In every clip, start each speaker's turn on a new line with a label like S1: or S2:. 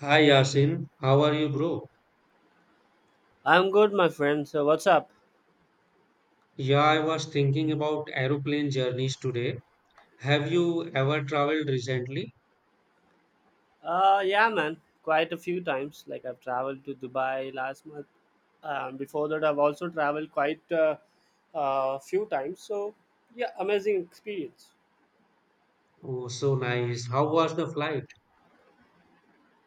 S1: Hi Yasin, how are you, bro?
S2: I'm good, my friend. So what's up?
S1: Yeah, I was thinking about aeroplane journeys today. Have you ever traveled recently?
S2: Yeah, man. Quite a few times. Like I've traveled to Dubai last month. Before that, I've also traveled quite a few times. So yeah, amazing experience.
S1: Oh, so nice. How was the flight?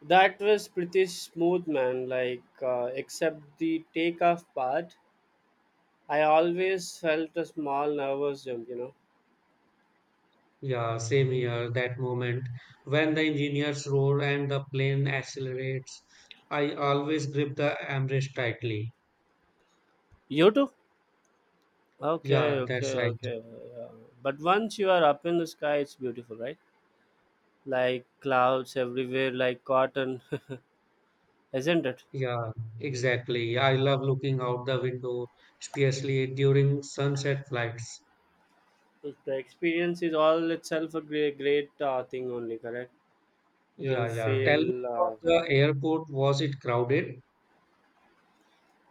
S2: That was pretty smooth, man. Like, except the takeoff part, I always felt a small nervous jump. You know.
S1: Yeah, same here, that moment when the engineers roar and the plane accelerates. I always grip the armrest tightly.
S2: You too. Okay,
S1: Yeah, that's
S2: okay,
S1: right.
S2: okay. Uh, but once you are up in the sky, it's beautiful, right? Like clouds everywhere, like cotton. Isn't it?
S1: Yeah, exactly. I love looking out the window, especially during sunset flights.
S2: The experience is all itself a great, great thing only, correct? You'll
S1: Yeah, yeah. Tell me
S2: feel.
S1: about the airport. Was it crowded?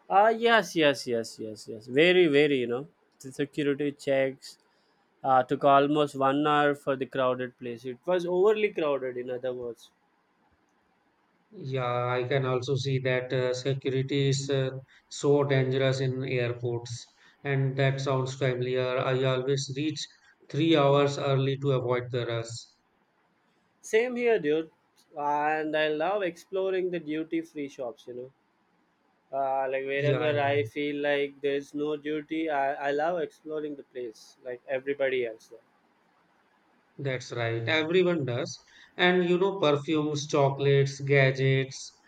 S2: Yes, yes, yes, yes, yes. Very, very. The security checks took almost 1 hour for the crowded place. It was overly crowded, in other words.
S1: Yeah, I can also see that security is so dangerous in airports, and that sounds familiar. I always reach 3 hours early to avoid the rush.
S2: Same here, dude. And I love exploring the duty free shops. Like
S1: Yeah,
S2: wherever
S1: yeah,
S2: I feel like there's no duty, I love exploring the place like everybody else there.
S1: that's right. Everyone does. And you know, perfumes, chocolates, gadgets.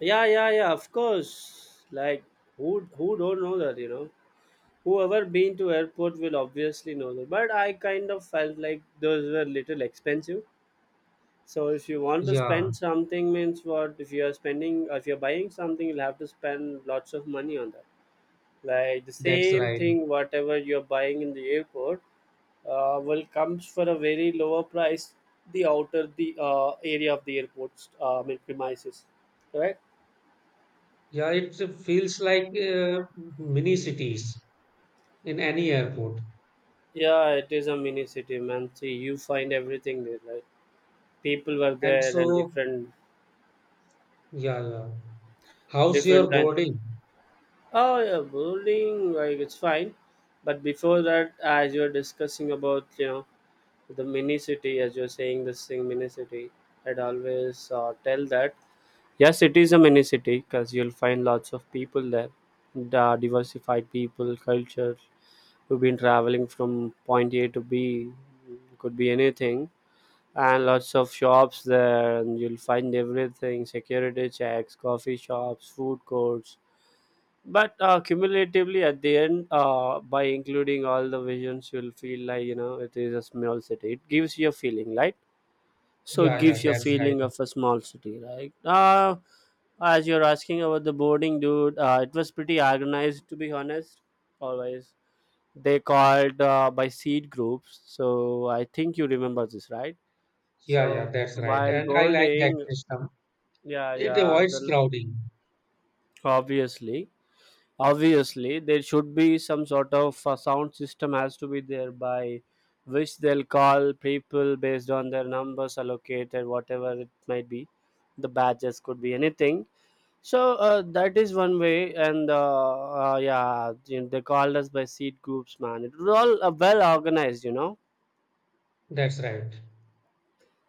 S2: Yeah, yeah, yeah. Of course. Like who don't know that, you know? Whoever been to airport will obviously know that. But I kind of felt like those were little expensive. So if you want to
S1: Yeah,
S2: spend something means what if you are spending if you're buying something, you'll have to spend lots of money on that. Like the
S1: that's
S2: same
S1: right.
S2: thing whatever you're buying in the airport will comes for a very lower price the outer the area of the airport, I mean premises. Right?
S1: Yeah, it feels like mini cities in any airport.
S2: Yeah, it is a mini city, man. See, you find everything there. Like people were
S1: And
S2: there and
S1: so,
S2: different,
S1: yeah, yeah. How's your
S2: different kinds.
S1: boarding?
S2: Oh yeah, bowling, like it's fine. But before that, as you were discussing about, you know, the mini city, as you're saying this thing, mini city, I'd always tell that yes, it is a mini city because you'll find lots of people there, the diversified people, cultures who've been traveling from point A to B, could be anything, and lots of shops there, and you'll find everything, security checks, coffee shops, food courts, but cumulatively at the end, by including all the visions you'll feel like, you know, it is a small city. It gives you a feeling, right? So it
S1: Yeah, yeah,
S2: gives you a
S1: that's right.
S2: feeling of a small city, right? As you're asking about the boarding, dude, it was pretty organized, to be honest. Always they called by seat groups, so I think you remember this, right?
S1: Yeah,
S2: So
S1: yeah, that's right.
S2: while
S1: And I like that
S2: boarding,
S1: system.
S2: yeah,
S1: It
S2: yeah,
S1: avoids
S2: the,
S1: crowding.
S2: obviously, obviously, there should be some sort of sound system has to be there by which they'll call people based on their numbers allocated, whatever it might be. The badges could be anything. So that is one way, and yeah, you know, they called us by seat groups, man. It was all well organized, you know,
S1: That's right.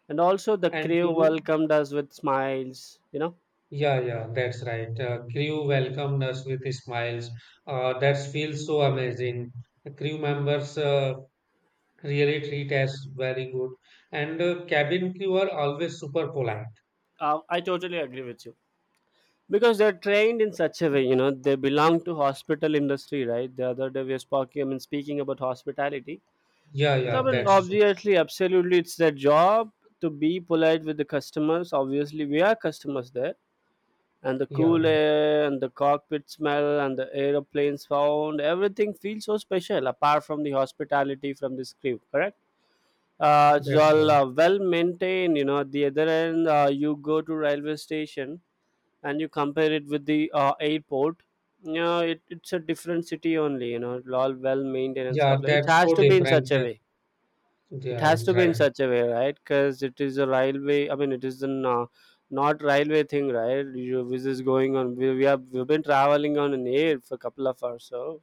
S2: and also the
S1: And
S2: crew
S1: you know,
S2: welcomed us with smiles.
S1: yeah, yeah, that's right. Crew welcomed us with smiles. That feels so amazing. The crew members really treat us very good. And cabin crew are always super polite.
S2: I totally agree with you. Because they're trained in such a way, you know, they belong to hospital industry, right? The other day we were speaking, I mean, speaking about hospitality, but
S1: Yeah,
S2: I
S1: yeah,
S2: mean,
S1: that's true.
S2: obviously absolutely it's their job to be polite with the customers, obviously we are customers there, and the
S1: Yeah,
S2: cool
S1: yeah,
S2: air and the cockpit smell and the aeroplanes sound, everything feels so special apart from the hospitality from the crew, correct? It's
S1: that's
S2: all
S1: right.
S2: well maintained, you know. At the other end, you go to railway station and you compare it with the airport. Yeah, it's a different city only, you know, all well maintained and
S1: Yeah,
S2: stuff. Like it
S1: that's
S2: has
S1: so
S2: to be in such
S1: different.
S2: a
S1: Uh,
S2: way. It
S1: yeah,
S2: has to be in
S1: right.
S2: such a way, right? Because it is a railway, I mean it is an not railway thing, right? You, this is going on, we've been traveling on an air for a couple of hours. So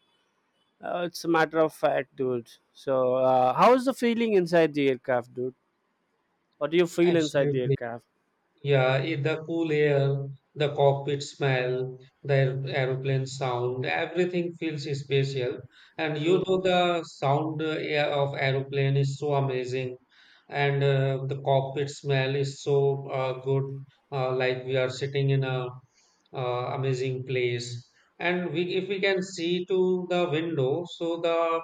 S2: it's a matter of fact, dude. So how's the feeling inside the aircraft, dude? What do you feel inside the
S1: Absolutely.
S2: aircraft?
S1: Yeah, if the cool air, the cockpit smell, the aeroplane sound, everything feels special. And you know the sound air of aeroplane is so amazing, and the cockpit smell is so good. Like we are sitting in a amazing place, and we if we can see to the window, so the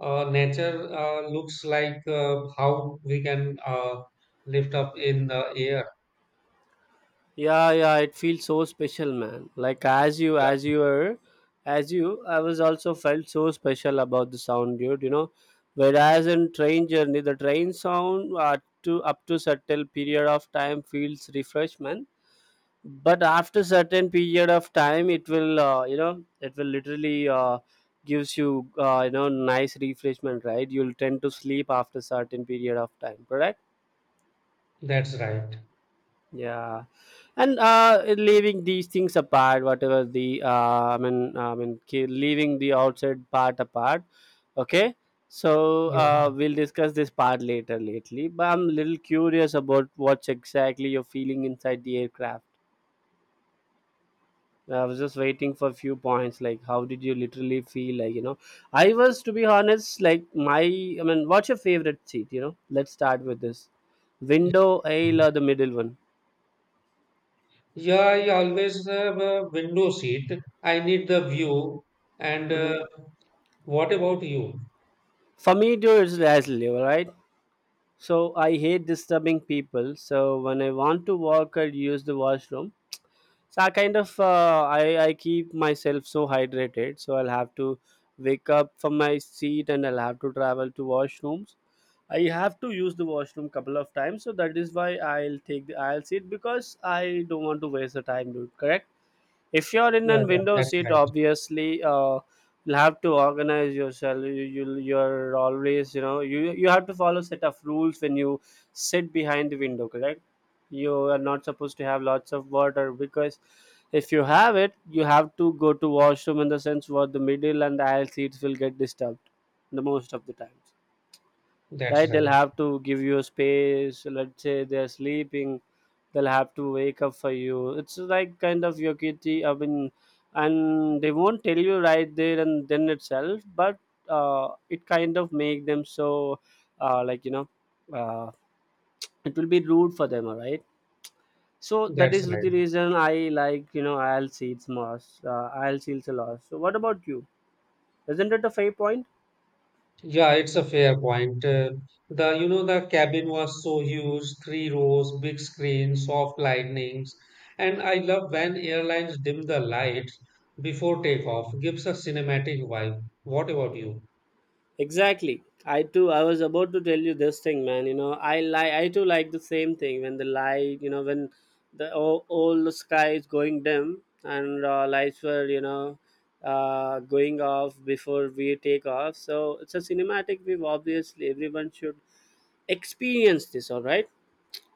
S1: nature looks like how we can lift up in the air.
S2: Yeah, yeah, it feels so special, man. Like as you
S1: Yeah.
S2: were, as you I was also felt so special about the sound, dude, you know. Whereas in train journey, the train sound, to up to certain period of time feels refreshment, but after certain period of time it will, you know, it will literally, gives you, you know, nice refreshment, right? You'll tend to sleep after certain period of time, correct?
S1: That's right.
S2: Yeah, and leaving these things apart, whatever the I mean, leaving the outside part apart. Okay, so
S1: Yeah.
S2: we'll discuss this part later, lately. But I'm a little curious about what's exactly you're feeling inside the aircraft. I was just waiting for a few points, like how did you literally feel, like, you know? I was, to be honest, like my, I mean, what's your favorite seat? You know, let's start with this, window, aisle, or the middle one.
S1: Yeah, I always have a window seat. I need the view. And
S2: Mm-hmm.
S1: what about you?
S2: For me, too, it's Leslie, right? So I hate disturbing people. So when I want to walk or use the washroom, so I kind of I keep myself so hydrated. So I'll have to wake up from my seat and I'll have to travel to washrooms. I have to use the washroom couple of times. So that is why I'll take the aisle seat because I don't want to waste the time, dude. Correct? If you're in a
S1: Yeah, yeah,
S2: window
S1: that's
S2: seat,
S1: right.
S2: obviously, you'll have to organize yourself. You're always, you know, you have to follow set of rules when you sit behind the window, correct? You are not supposed to have lots of water, because if you have it you have to go to washroom, in the sense what the middle and the aisle seats will get disturbed the most of the times,
S1: That's
S2: right? They'll
S1: right.
S2: have to give you a space, let's say they're sleeping, they'll have to wake up for you. It's like kind of your kitty, I mean, and they won't tell you right there and then itself, but it kind of make them so, like, you know, uh, it will be rude for them, all right? So that
S1: That's
S2: is
S1: right.
S2: the reason I, like, you know, I'll see it's more, I'll see it's a lot. So what about you? Isn't it a fair point?
S1: Yeah, it's a fair point. The you know the cabin was so huge, three rows, big screen, soft lightnings, and I love when airlines dim the lights before takeoff. Gives a cinematic vibe. What about you?
S2: Exactly. I too. I was about to tell you this thing, man. You know, I like. I too like the same thing when the light. You know, when the all the sky is going dim and lights were, you know, going off before we take off. So it's a cinematic view. Obviously, everyone should experience this. All right.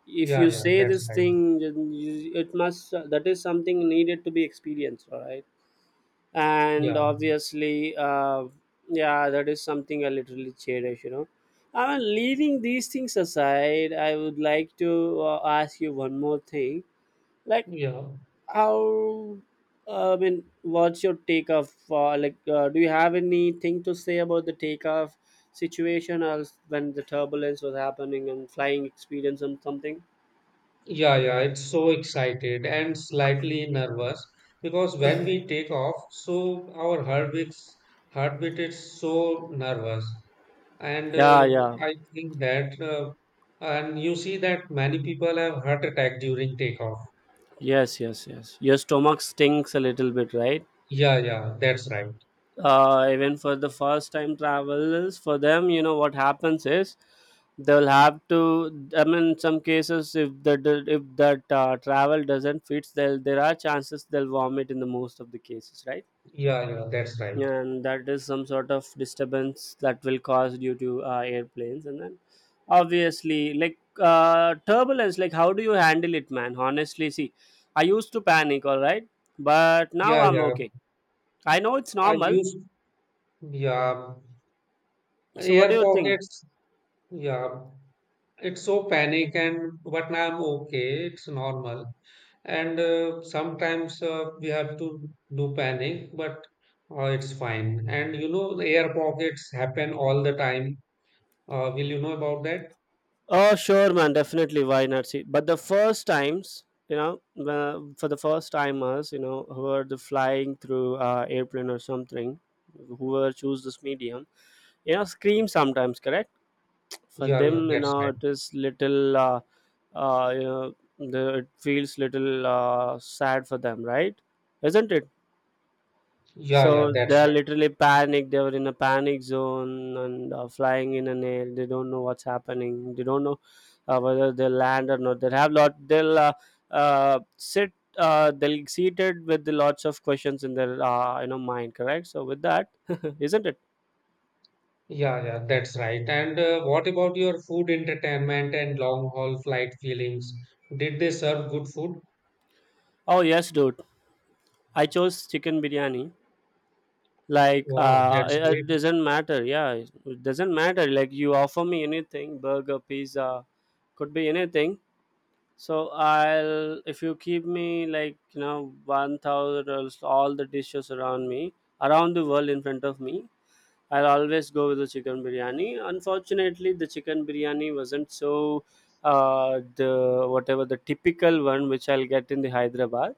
S2: If
S1: Yeah,
S2: you
S1: yeah,
S2: say
S1: that's
S2: this
S1: right.
S2: thing, then you, it must. That is something needed to be experienced. All right. And
S1: Yeah,
S2: obviously, yeah, that is something I literally cherish, you know. I mean, leaving these things aside, I would like to ask you one more thing, like
S1: yeah.
S2: how, I mean, what's your take of, like, do you have anything to say about the takeoff situation, or else when the turbulence was happening, and flying experience and something.
S1: Yeah, yeah, it's so excited and slightly nervous because when we take off, so our heartbeat is so nervous, and
S2: Yeah, yeah.
S1: I think that, and you see that many people have heart attack during takeoff.
S2: Yes, yes, yes, your stomach stinks a little bit, right?
S1: Yeah, yeah, that's right.
S2: Even for the first time travelers, for them, you know, what happens is they'll have to, I mean, in some cases if the, if that travel doesn't fit, they'll, there are chances they'll vomit in the most of the cases, right?
S1: Yeah, yeah, that's right.
S2: And that is some sort of disturbance that will cause due to airplanes. And then obviously, like turbulence, like how do you handle it, man? Honestly, see, I used to panic, all right? But now
S1: Yeah,
S2: I'm
S1: yeah,
S2: okay. I know it's
S1: I
S2: normal.
S1: used, yeah,
S2: So what do
S1: air
S2: you think?
S1: pockets. Yeah, it's so panic and but now I'm okay. It's normal. And sometimes we have to do panic, but it's fine, and you know the air pockets happen all the time. Will you know about that?
S2: Oh, sure, man. Definitely. Why not, see? But the first times, you know, for the first timers, you know, who are the flying through airplane or something, who are choose this medium, you know, scream sometimes, correct? For
S1: Yeah, yeah,
S2: them, you
S1: that's
S2: know,
S1: right.
S2: it is little, you know, the, it feels little sad for them, right? Isn't it?
S1: Yeah, yeah,
S2: So they
S1: that's
S2: are
S1: right.
S2: literally panicked. They were in a panic zone and flying in an air. They don't know what's happening. They don't know whether they'll land or not. They have lot. They'll sit. They'll seated with lots of questions in their, you know, mind. Correct. So with that, isn't it?
S1: Yeah, yeah, that's right. And what about your food, entertainment, and long haul flight feelings? Did they serve good food?
S2: Oh yes, dude. I chose chicken biryani. Like
S1: Wow, that's
S2: it
S1: great.
S2: doesn't matter. Yeah, it doesn't matter. Like you offer me anything, burger, pizza, could be anything. So I'll if you keep me like, you know, 1,000 or all the dishes around me around the world in front of me, I'll always go with the chicken biryani. Unfortunately, the chicken biryani wasn't so the whatever the typical one which I'll get in the Hyderabad.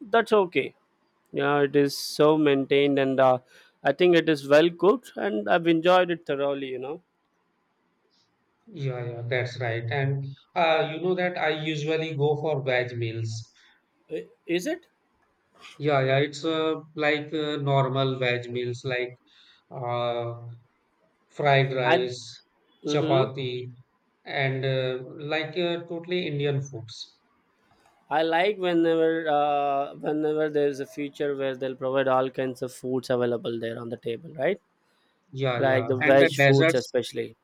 S2: That's okay. You know it is so maintained and I think it is well cooked and I've enjoyed it thoroughly.
S1: Yeah, yeah, that's right. And you know that I usually go for veg meals.
S2: I- is it?
S1: Yeah, yeah, it's like normal veg meals, like uh, fried
S2: I.
S1: rice,
S2: Mm-hmm.
S1: chapati, and like totally Indian foods.
S2: I like whenever there is a feature where they'll provide all kinds of foods available there on the table, right?
S1: Yeah, yeah.
S2: Like the
S1: And the
S2: veg foods
S1: desserts,
S2: especially.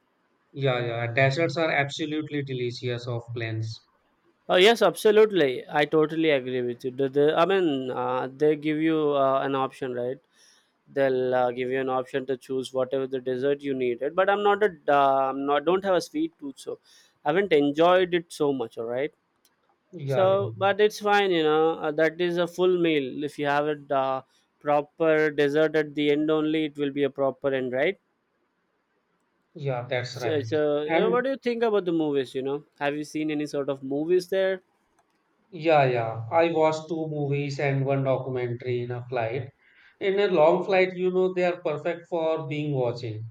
S1: yeah, yeah. Desserts are absolutely delicious off planes.
S2: Oh yes, absolutely. I totally agree with you. I mean, they give you an option, right? They'll give you an option to choose whatever the dessert you needed. But I'm not a I'm not don't have a sweet tooth, so I haven't enjoyed it so much. All right.
S1: Yeah,
S2: So,
S1: yeah,
S2: but it's fine, you know. That is a full meal. If you have it proper dessert at the end only, it will be a proper end, right?
S1: yeah, that's
S2: So,
S1: right.
S2: so uh, what
S1: And
S2: do you think about the movies? You know, have you seen any sort of movies there?
S1: yeah, yeah. I watched two movies and one documentary in a flight. In a long flight, you know, they are perfect for being watching.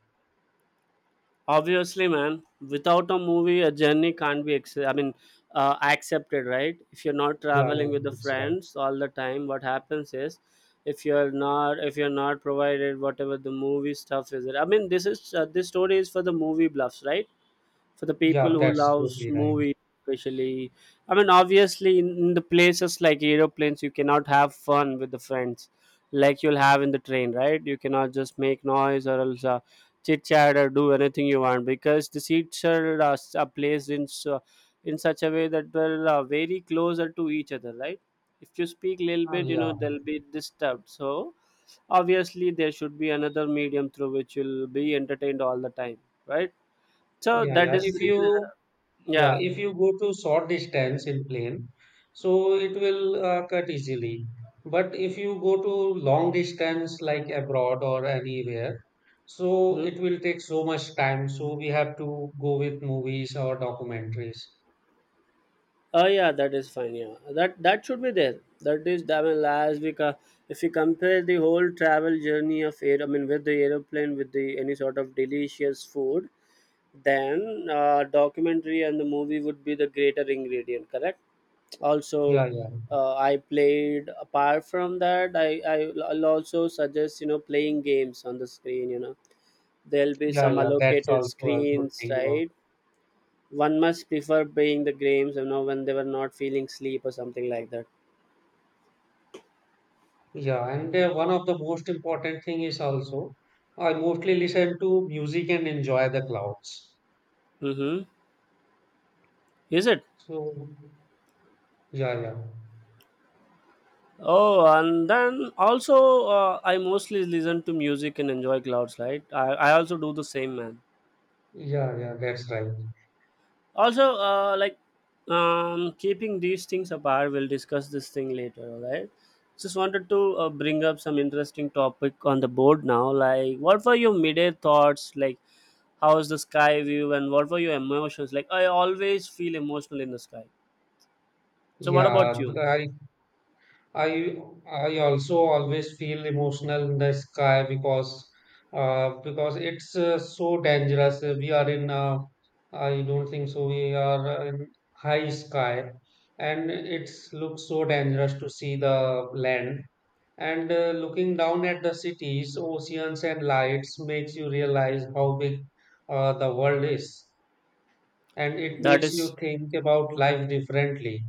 S2: Obviously, man. Without a movie, a journey can't be. I mean, accepted, right? If you're not
S1: Yeah, yeah,
S2: traveling with the
S1: that's right.
S2: friends all the time, what happens is, if you're not provided whatever the movie stuff is. I mean, this is this story is for the movie bluffs, right? For the people
S1: Yeah,
S2: who
S1: that's
S2: loves
S1: totally right.
S2: movies especially. I mean obviously in the places like aeroplanes, you cannot have fun with the friends like you'll have in the train, right? You cannot just make noise or else chit chat or do anything you want, because the seats are, are placed in so, in such a way that they're very closer to each other, right? If you speak a little
S1: Ah,
S2: bit, you
S1: yeah.
S2: know, they'll be disturbed, so obviously there should be another medium through which you'll be entertained all the time, right? So
S1: Yeah,
S2: that
S1: yeah.
S2: is
S1: If
S2: the reason
S1: you,
S2: uh,
S1: yeah,
S2: Yeah.
S1: if you go to short distance in plane, so it will cut easily. But if you go to long distance like abroad or anywhere, so
S2: Mm-hmm.
S1: it will take so much time. So we have to go with movies or documentaries.
S2: Oh yeah, that is fine. Yeah, that should be there. That is, I mean, if you compare the whole travel journey of air, I mean, with the aeroplane, with the any sort of delicious food, then documentary and the movie would be the greater ingredient. Correct. Also,
S1: Yeah, yeah,
S2: I played. Apart from that, I will also suggest, you know, playing games on the screen. You know, there'll be
S1: yeah,
S2: some
S1: yeah. That's
S2: allocated
S1: also a good
S2: screens,
S1: thing about.
S2: right? One must prefer playing the games, you know, when they were not feeling sleep or something like that.
S1: Yeah, and one of the most important thing is also I mostly listen to music and enjoy the clouds.
S2: Mm-hmm. Is it?
S1: So yeah, yeah.
S2: Oh, and then also I mostly listen to music and enjoy clouds, right? I also do the same, man.
S1: Yeah, yeah, that's right.
S2: Also, like keeping these things apart, we'll discuss this thing later, all right? Just wanted to bring up some interesting topic on the board now. Like, what were your midday thoughts? Like, how's the sky view, and what were your emotions? Like, I always feel emotional in the sky. So what about
S1: Yeah,
S2: you?
S1: I, I also always feel emotional in the sky because it's so dangerous. We are in, I don't think so. We are in high sky, and it's looks so dangerous to see the land. And looking down at the cities, oceans, and lights makes you realize how big the world is, and it
S2: That
S1: makes you
S2: is,
S1: think about life differently.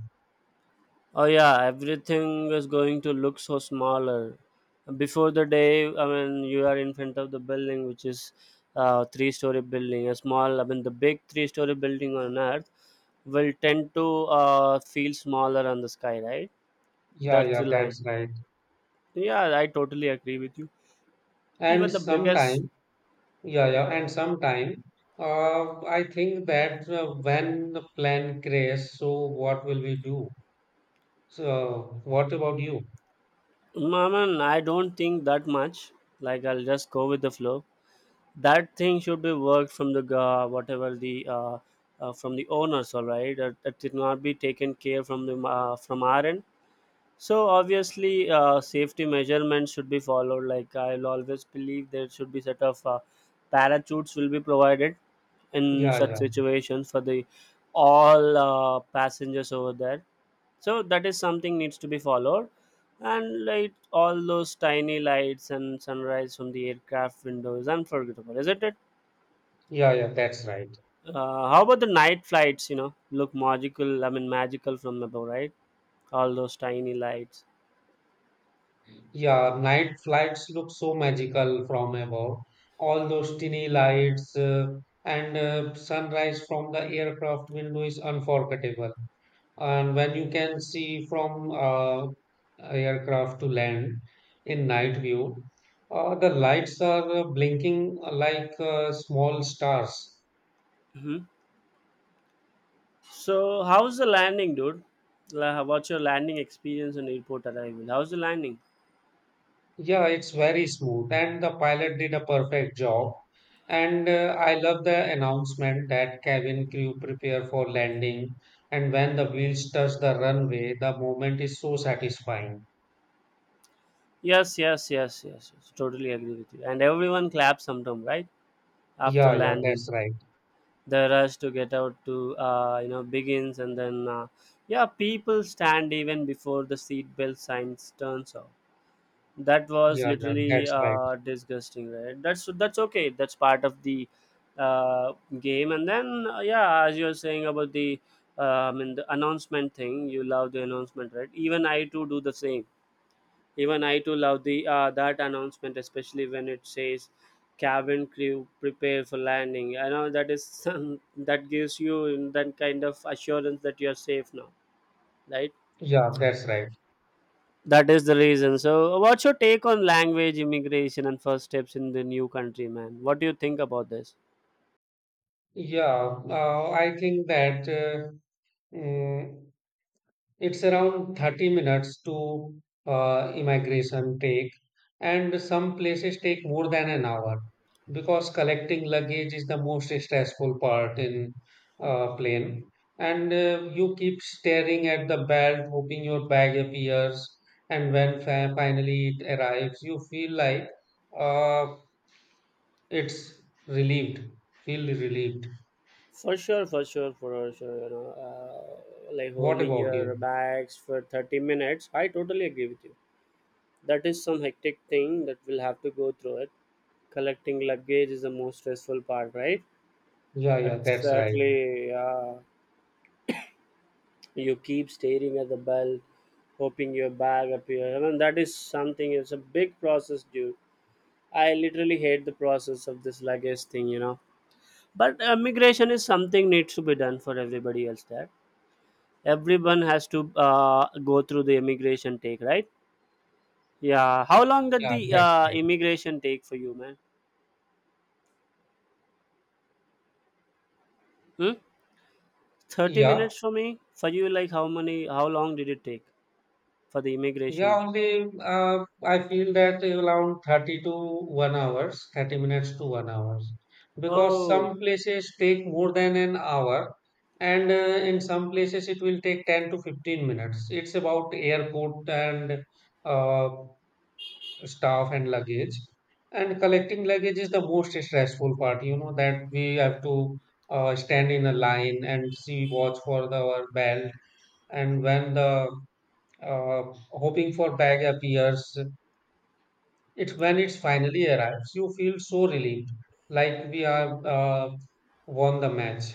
S2: oh yeah, everything is going to look so smaller. Before the day, I mean, you are in front of the building, which is three-story building. A small, I mean, the big three-story building on Earth will tend to feel smaller on the sky, right?
S1: Yeah,
S2: That's
S1: yeah,
S2: the line.
S1: that's right.
S2: Yeah, I totally agree with you.
S1: And
S2: Even the biggest.
S1: sometime, yeah, yeah, I think that when the plan crashes, so what will we do? So, what about you?
S2: Maman, I don't think that much. Like I'll just go with the flow. That thing should be worked from the whatever the from the owners. All right, that did not be taken care from the from our end. So obviously, safety measurements should be followed. Like I'll always believe there should be set of parachutes will be provided in
S1: Yeah,
S2: such
S1: yeah,
S2: situations for the all passengers over there. So that is something needs to be followed. And like all those tiny lights and sunrise from the aircraft window is unforgettable, isn't it?
S1: yeah, yeah, that's right.
S2: How about the night flights? You know, look magical, I mean magical from above, right? All those tiny lights.
S1: Yeah, night flights look so magical from above. All those tiny lights and sunrise from the aircraft window is unforgettable. And when you can see from aircraft to land in night view, the lights are blinking like small stars.
S2: Hmm. So how's the landing, dude? What's your landing experience on airport arrival? How's the landing?
S1: Yeah, it's very smooth, and the pilot did a perfect job. And I love the announcement that cabin crew prepare for landing, and when the wheels touch the runway, the moment is so satisfying.
S2: Yes, yes, yes, yes, yes. Totally agree with you. And everyone claps sometime, right, after
S1: Yeah, yeah,
S2: landing.
S1: that's right.
S2: The rush to get out to, you know, begins. And then yeah, people stand even before the seatbelt signs turns off. That was
S1: Yeah, yeah,
S2: literally
S1: that's right.
S2: disgusting, right? That's okay, that's part of the uh, game. And then yeah, as you were saying about the I mean the announcement thing, you love the announcement, right? Even I too do the same. Even I too love the that announcement, especially when it says cabin crew prepare for landing. I know that is some, that gives you that kind of assurance that you are safe now, right?
S1: Yeah, that's right.
S2: That is the reason. So, what's your take on language, immigration, and first steps in the new country, man? What do you think about this?
S1: Yeah, I think that mm, it's around 30 minutes to immigration take, and some places take more than an hour because collecting luggage is the most stressful part in plane. And you keep staring at the belt, hoping your bag appears, and when fa finally it arrives, you feel like uh, it's relieved. Feel relieved.
S2: For sure, for sure, for sure. You know, like
S1: What
S2: holding
S1: about you?
S2: your bags for 30 minutes. I totally agree with you. That is some hectic thing that we'll have to go through it. Collecting luggage is the most stressful part, right?
S1: Yeah, yeah, that's right.
S2: Exactly. Yeah. You keep staring at the belt, hoping your bag appears. I mean, that is something. It's a big process, dude. I literally hate the process of this luggage thing, you know. But immigration is something needs to be done for everybody else. That everyone has to go through the immigration take, right? Yeah. How long did
S1: Yeah,
S2: the
S1: that's right.
S2: immigration take for you, man? Hmm? 30
S1: Yeah,
S2: minutes for me. For you, like how many? How long did it take for the
S1: yeah,
S2: immigration?
S1: only I feel that around 30 to 1 hours, 30 minutes to 1 hours. Because
S2: Oh,
S1: some places take more than an hour, and in some places it will take 10 to 15 minutes. It's about airport and uh, staff and luggage. And collecting luggage is the most stressful part, you know, that we have to stand in a line and see, watch for our belt, and when the uh, hoping for bag appears, it's when it's finally arrives, you feel so relieved, like we have won the match.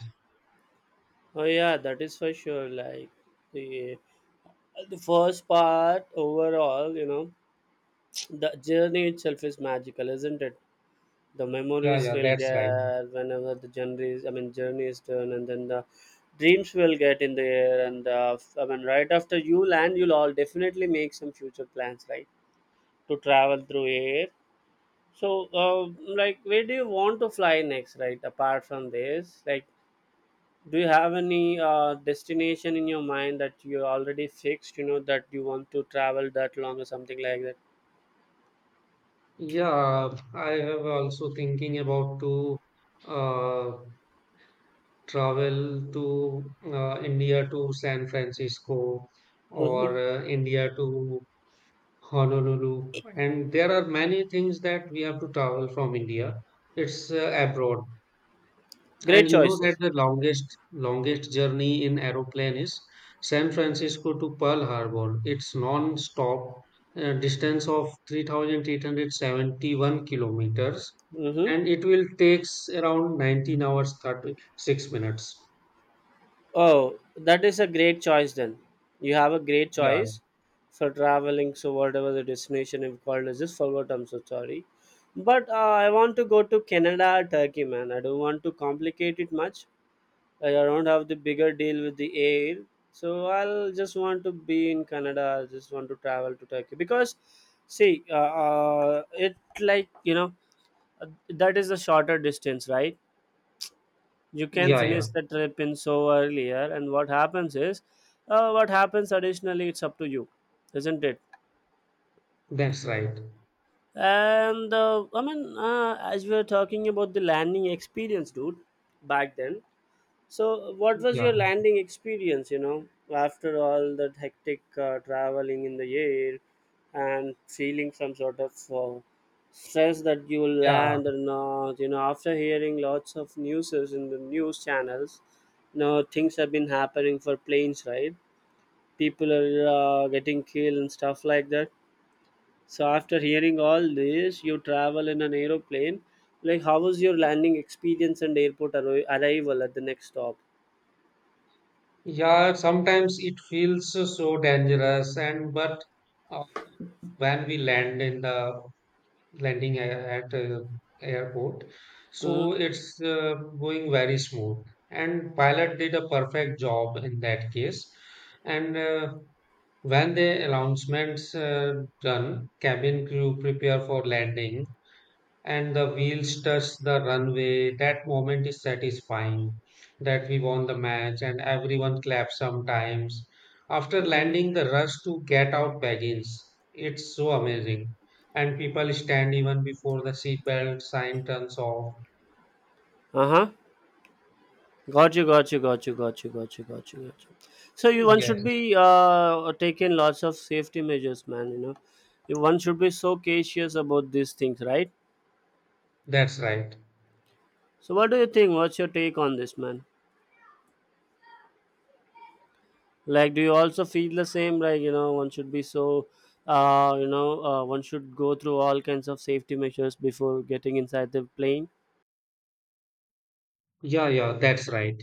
S2: oh yeah, that is for sure. Like the the first part overall, you know, the journey itself is magical, isn't it? The
S1: Yeah,
S2: memories
S1: yeah,
S2: will
S1: that's right.
S2: get whenever the journey is, I mean, journey is done, and then the dreams will get in the air. And I mean, right after you land, you'll all definitely make some future plans, right? To travel through air. So, like, where do you want to fly next, right? Apart from this, like do you have any destination in your mind that you already fixed, you know, that you want to travel that long or something like that?
S1: Yeah, I have also thinking about to uh, travel to India to San Francisco, or
S2: Hmm.
S1: India to Honolulu, and there are many things that we have to travel from India. It's abroad. And
S2: Great
S1: you know that
S2: choices.
S1: the longest journey in aeroplane is San Francisco to Pearl Harbor. It's non-stop distance of 3,871 kilometers,
S2: Hmm.
S1: and it will takes around 19 hours 36 minutes.
S2: Oh, that is a great choice then. You have a great
S1: Yeah,
S2: choice for traveling. So whatever the destination you've called is just forward, I'm so sorry. But I want to go to Canada, Turkey, man. I don't want to complicate it much. Like I don't have the bigger deal with the air. So I'll just want to be in Canada. I just want to travel to Turkey because, see, it like, you know, that is a shorter distance, right? You can
S1: yeah, yeah.
S2: finish the trip in so earlier, and what happens is, what happens additionally, it's up to you, isn't it?
S1: That's right.
S2: And I mean, as we were talking about the landing experience, dude, back then. So, what was
S1: Yeah,
S2: your landing experience, you know, after all that hectic traveling in the air and feeling some sort of stress that you will
S1: yeah,
S2: land or not? You know, after hearing lots of newses in the news channels, you know, things have been happening for planes, right? People are getting killed and stuff like that. So, after hearing all this, you travel in an aeroplane. Like, how was your landing experience and arrival at the next stop?
S1: yeah. Sometimes it feels so dangerous, and but uh, when we land in the landing at airport, so
S2: Hmm.
S1: it's going very smooth, and pilot did a perfect job in that case. And when the announcements done, cabin crew prepare for landing, and the wheels touch the runway. That moment is satisfying that we won the match, and everyone claps sometimes. After
S2: Mm.
S1: landing, the rush to get out begins. It's so amazing. And people stand even before the seatbelt sign turns off.
S2: Uh-huh. Got you, got you, got you, got you, got you, got you, got you. So you one should
S1: Yes,
S2: be taking lots of safety measures, man, you know. One should be so cautious about these things, right?
S1: that's right.
S2: So what do you think? What's your take on this, man? Like, do you also feel the same? Like, you know, one should be so one should go through all kinds of safety measures before getting inside the plane.
S1: Yeah, yeah, that's right.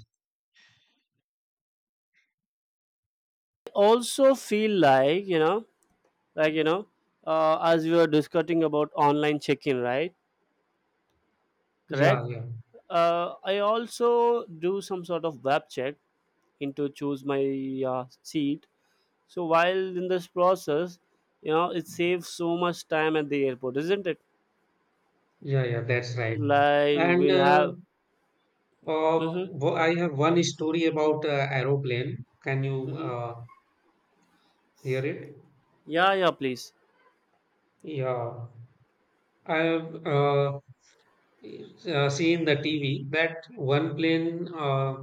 S2: Also feel like, you know, as we were discussing about online check-in, right?
S1: Yeah,
S2: Correct.
S1: yeah,
S2: I also do some sort of web check into choose my seat. So while in this process, you know, it saves so much time at the airport, isn't it?
S1: yeah, yeah, that's right.
S2: Like
S1: And
S2: we'll have. Mm-hmm,
S1: I have one story about aeroplane. Can you
S2: mm-hmm.
S1: hear it?
S2: Yeah, yeah, please.
S1: Yeah, I have seen the TV that one plane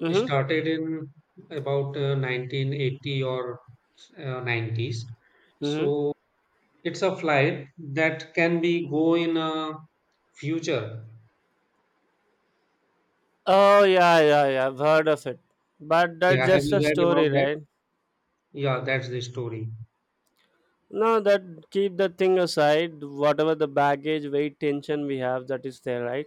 S2: Mm-hmm,
S1: started in about 1980 or 90s.
S2: mm-hmm.
S1: So it's a flight that can be go in future.
S2: Oh yeah, yeah, yeah. I've heard of it, but that's
S1: Yeah, have
S2: just a
S1: you heard about
S2: story,
S1: that?
S2: right?
S1: Yeah, that's the story.
S2: No, that keep the thing aside. Whatever the baggage, weight, tension we have, that is there, right?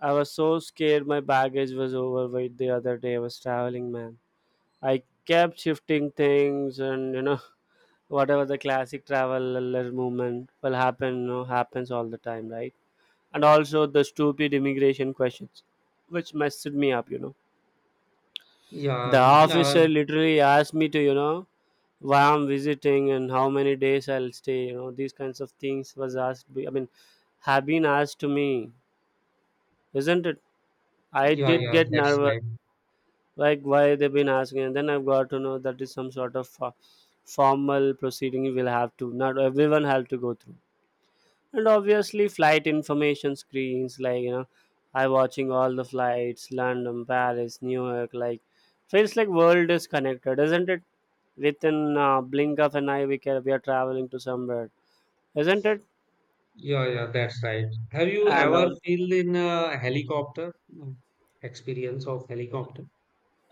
S2: I was so scared my baggage was overweight the other day I was traveling, man. I kept shifting things, and you know, whatever the classic traveler movement will happen, you know, happens all the time, right? And also the stupid immigration questions, which messed me up, you know. The
S1: Yeah, yeah,
S2: officer literally asked me to, why I'm visiting and how many days I'll stay, these kinds of things was asked. I mean, have been asked to me, isn't it? I
S1: yeah,
S2: did
S1: yeah,
S2: get
S1: that's
S2: nervous
S1: right.
S2: like why they've been asking, and then I've got to know that is some sort of formal proceeding you will have to, not everyone have to go through. And obviously flight information screens, like you know, I watching all the flights, London, Paris, New York. Like, feels like world is connected, isn't it? Within blink of an eye, we can, we are traveling to somewhere, isn't it?
S1: Yeah, yeah, that's right. Have you
S2: And all.
S1: ever feel in a helicopter? Experience of helicopter?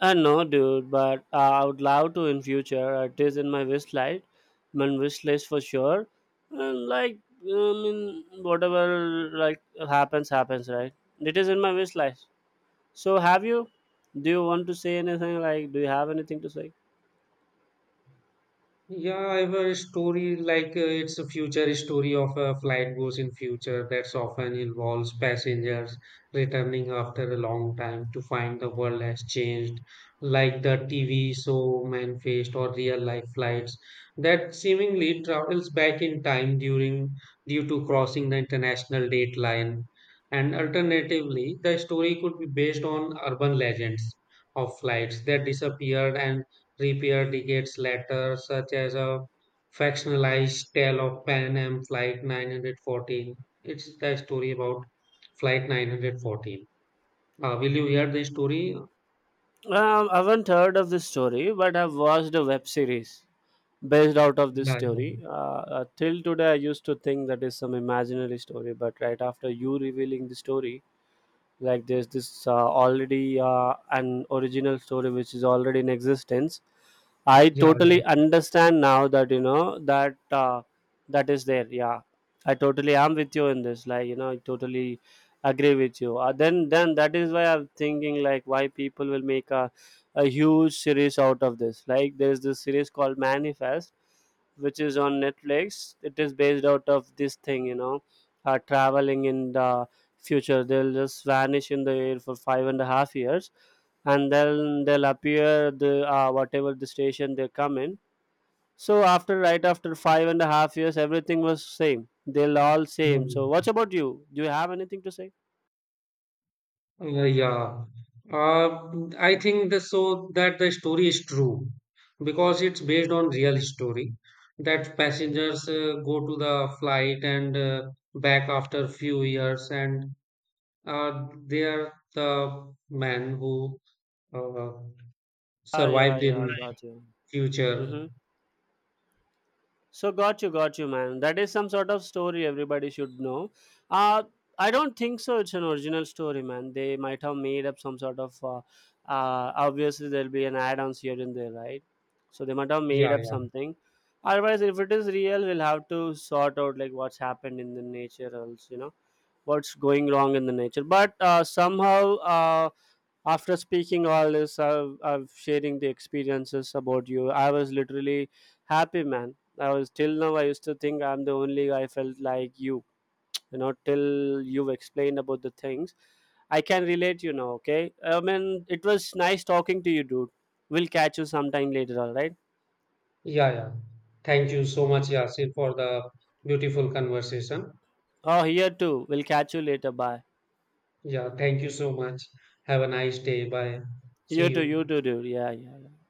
S2: No, dude, but I would love to in future. It is in my wish list for sure. And like, I mean, whatever like happens, happens, right? It is in my wish list. So, have you? Do you want to say anything? Like, do you have anything to say?
S1: Yeah, I have a story like it's a future story of a flight goes in future that's often involves passengers returning after a long time to find the world has changed, like the TV show Manifest or real life flights that seemingly travels back in time during due to crossing the international date line. And alternatively, the story could be based on urban legends of flights that disappeared and reappear decades later, such as a factionalized tale of Pan Am Flight 914. It's the story about Flight 914. Will you hear the story?
S2: I haven't heard of this story, but I've watched a web series based out of this
S1: Yeah, yeah,
S2: story. Till today, I used to think that is some imaginary story, but right after you revealing the story, like there's this already an original story which is already in existence. I
S1: yeah,
S2: totally understand now that you know that that is there, yeah. I totally am with you in this, like you know, I totally agree with you. Then that is why I'm thinking, like why people will make a huge series out of this. Like there is this series called Manifest, which is on Netflix. It is based out of this thing, you know. Traveling in the future, they'll just vanish in the air for five and a half years, and then they'll appear the whatever the station they come in. So after, right after five and a half years, everything was same, they'll all
S1: yeah. Yeah.
S2: same. So
S1: Yeah.
S2: what about you? Do you have anything to say?
S1: Yeah. Uh, I think the, so that the story is true because it's based on real story that passengers go to the flight and back after few years, and they are the men who uh,
S2: Ah, yeah,
S1: survived in.
S2: yeah,
S1: Right.
S2: gotcha.
S1: Future.
S2: Mm-hmm. So got you, man. That is some sort of story everybody should know. Uh, I don't think so. It's an original story, man. They might have made up some sort of. Obviously, there'll be an add-ons here and there, right? So they might have made
S1: Yeah,
S2: up
S1: yeah,
S2: something. Otherwise, if it is real, we'll have to sort out like what's happened in the nature, else you know what's going wrong in the nature. But somehow after speaking all this, I've sharing the experiences about you, I was literally happy, man. I was, till now I used to think I'm the only guy felt like you know, till you've explained about the things, I can relate, you know. Okay, I mean it was nice talking to you, dude. We'll catch you sometime later, all right?
S1: yeah, yeah. Thank you so much, Yasir, for the beautiful conversation.
S2: Oh, here too, we'll catch you later, bye.
S1: Yeah, thank you so much. Have a nice day. Bye. See
S2: You too, you
S1: you.
S2: too, dude. Yeah, yeah.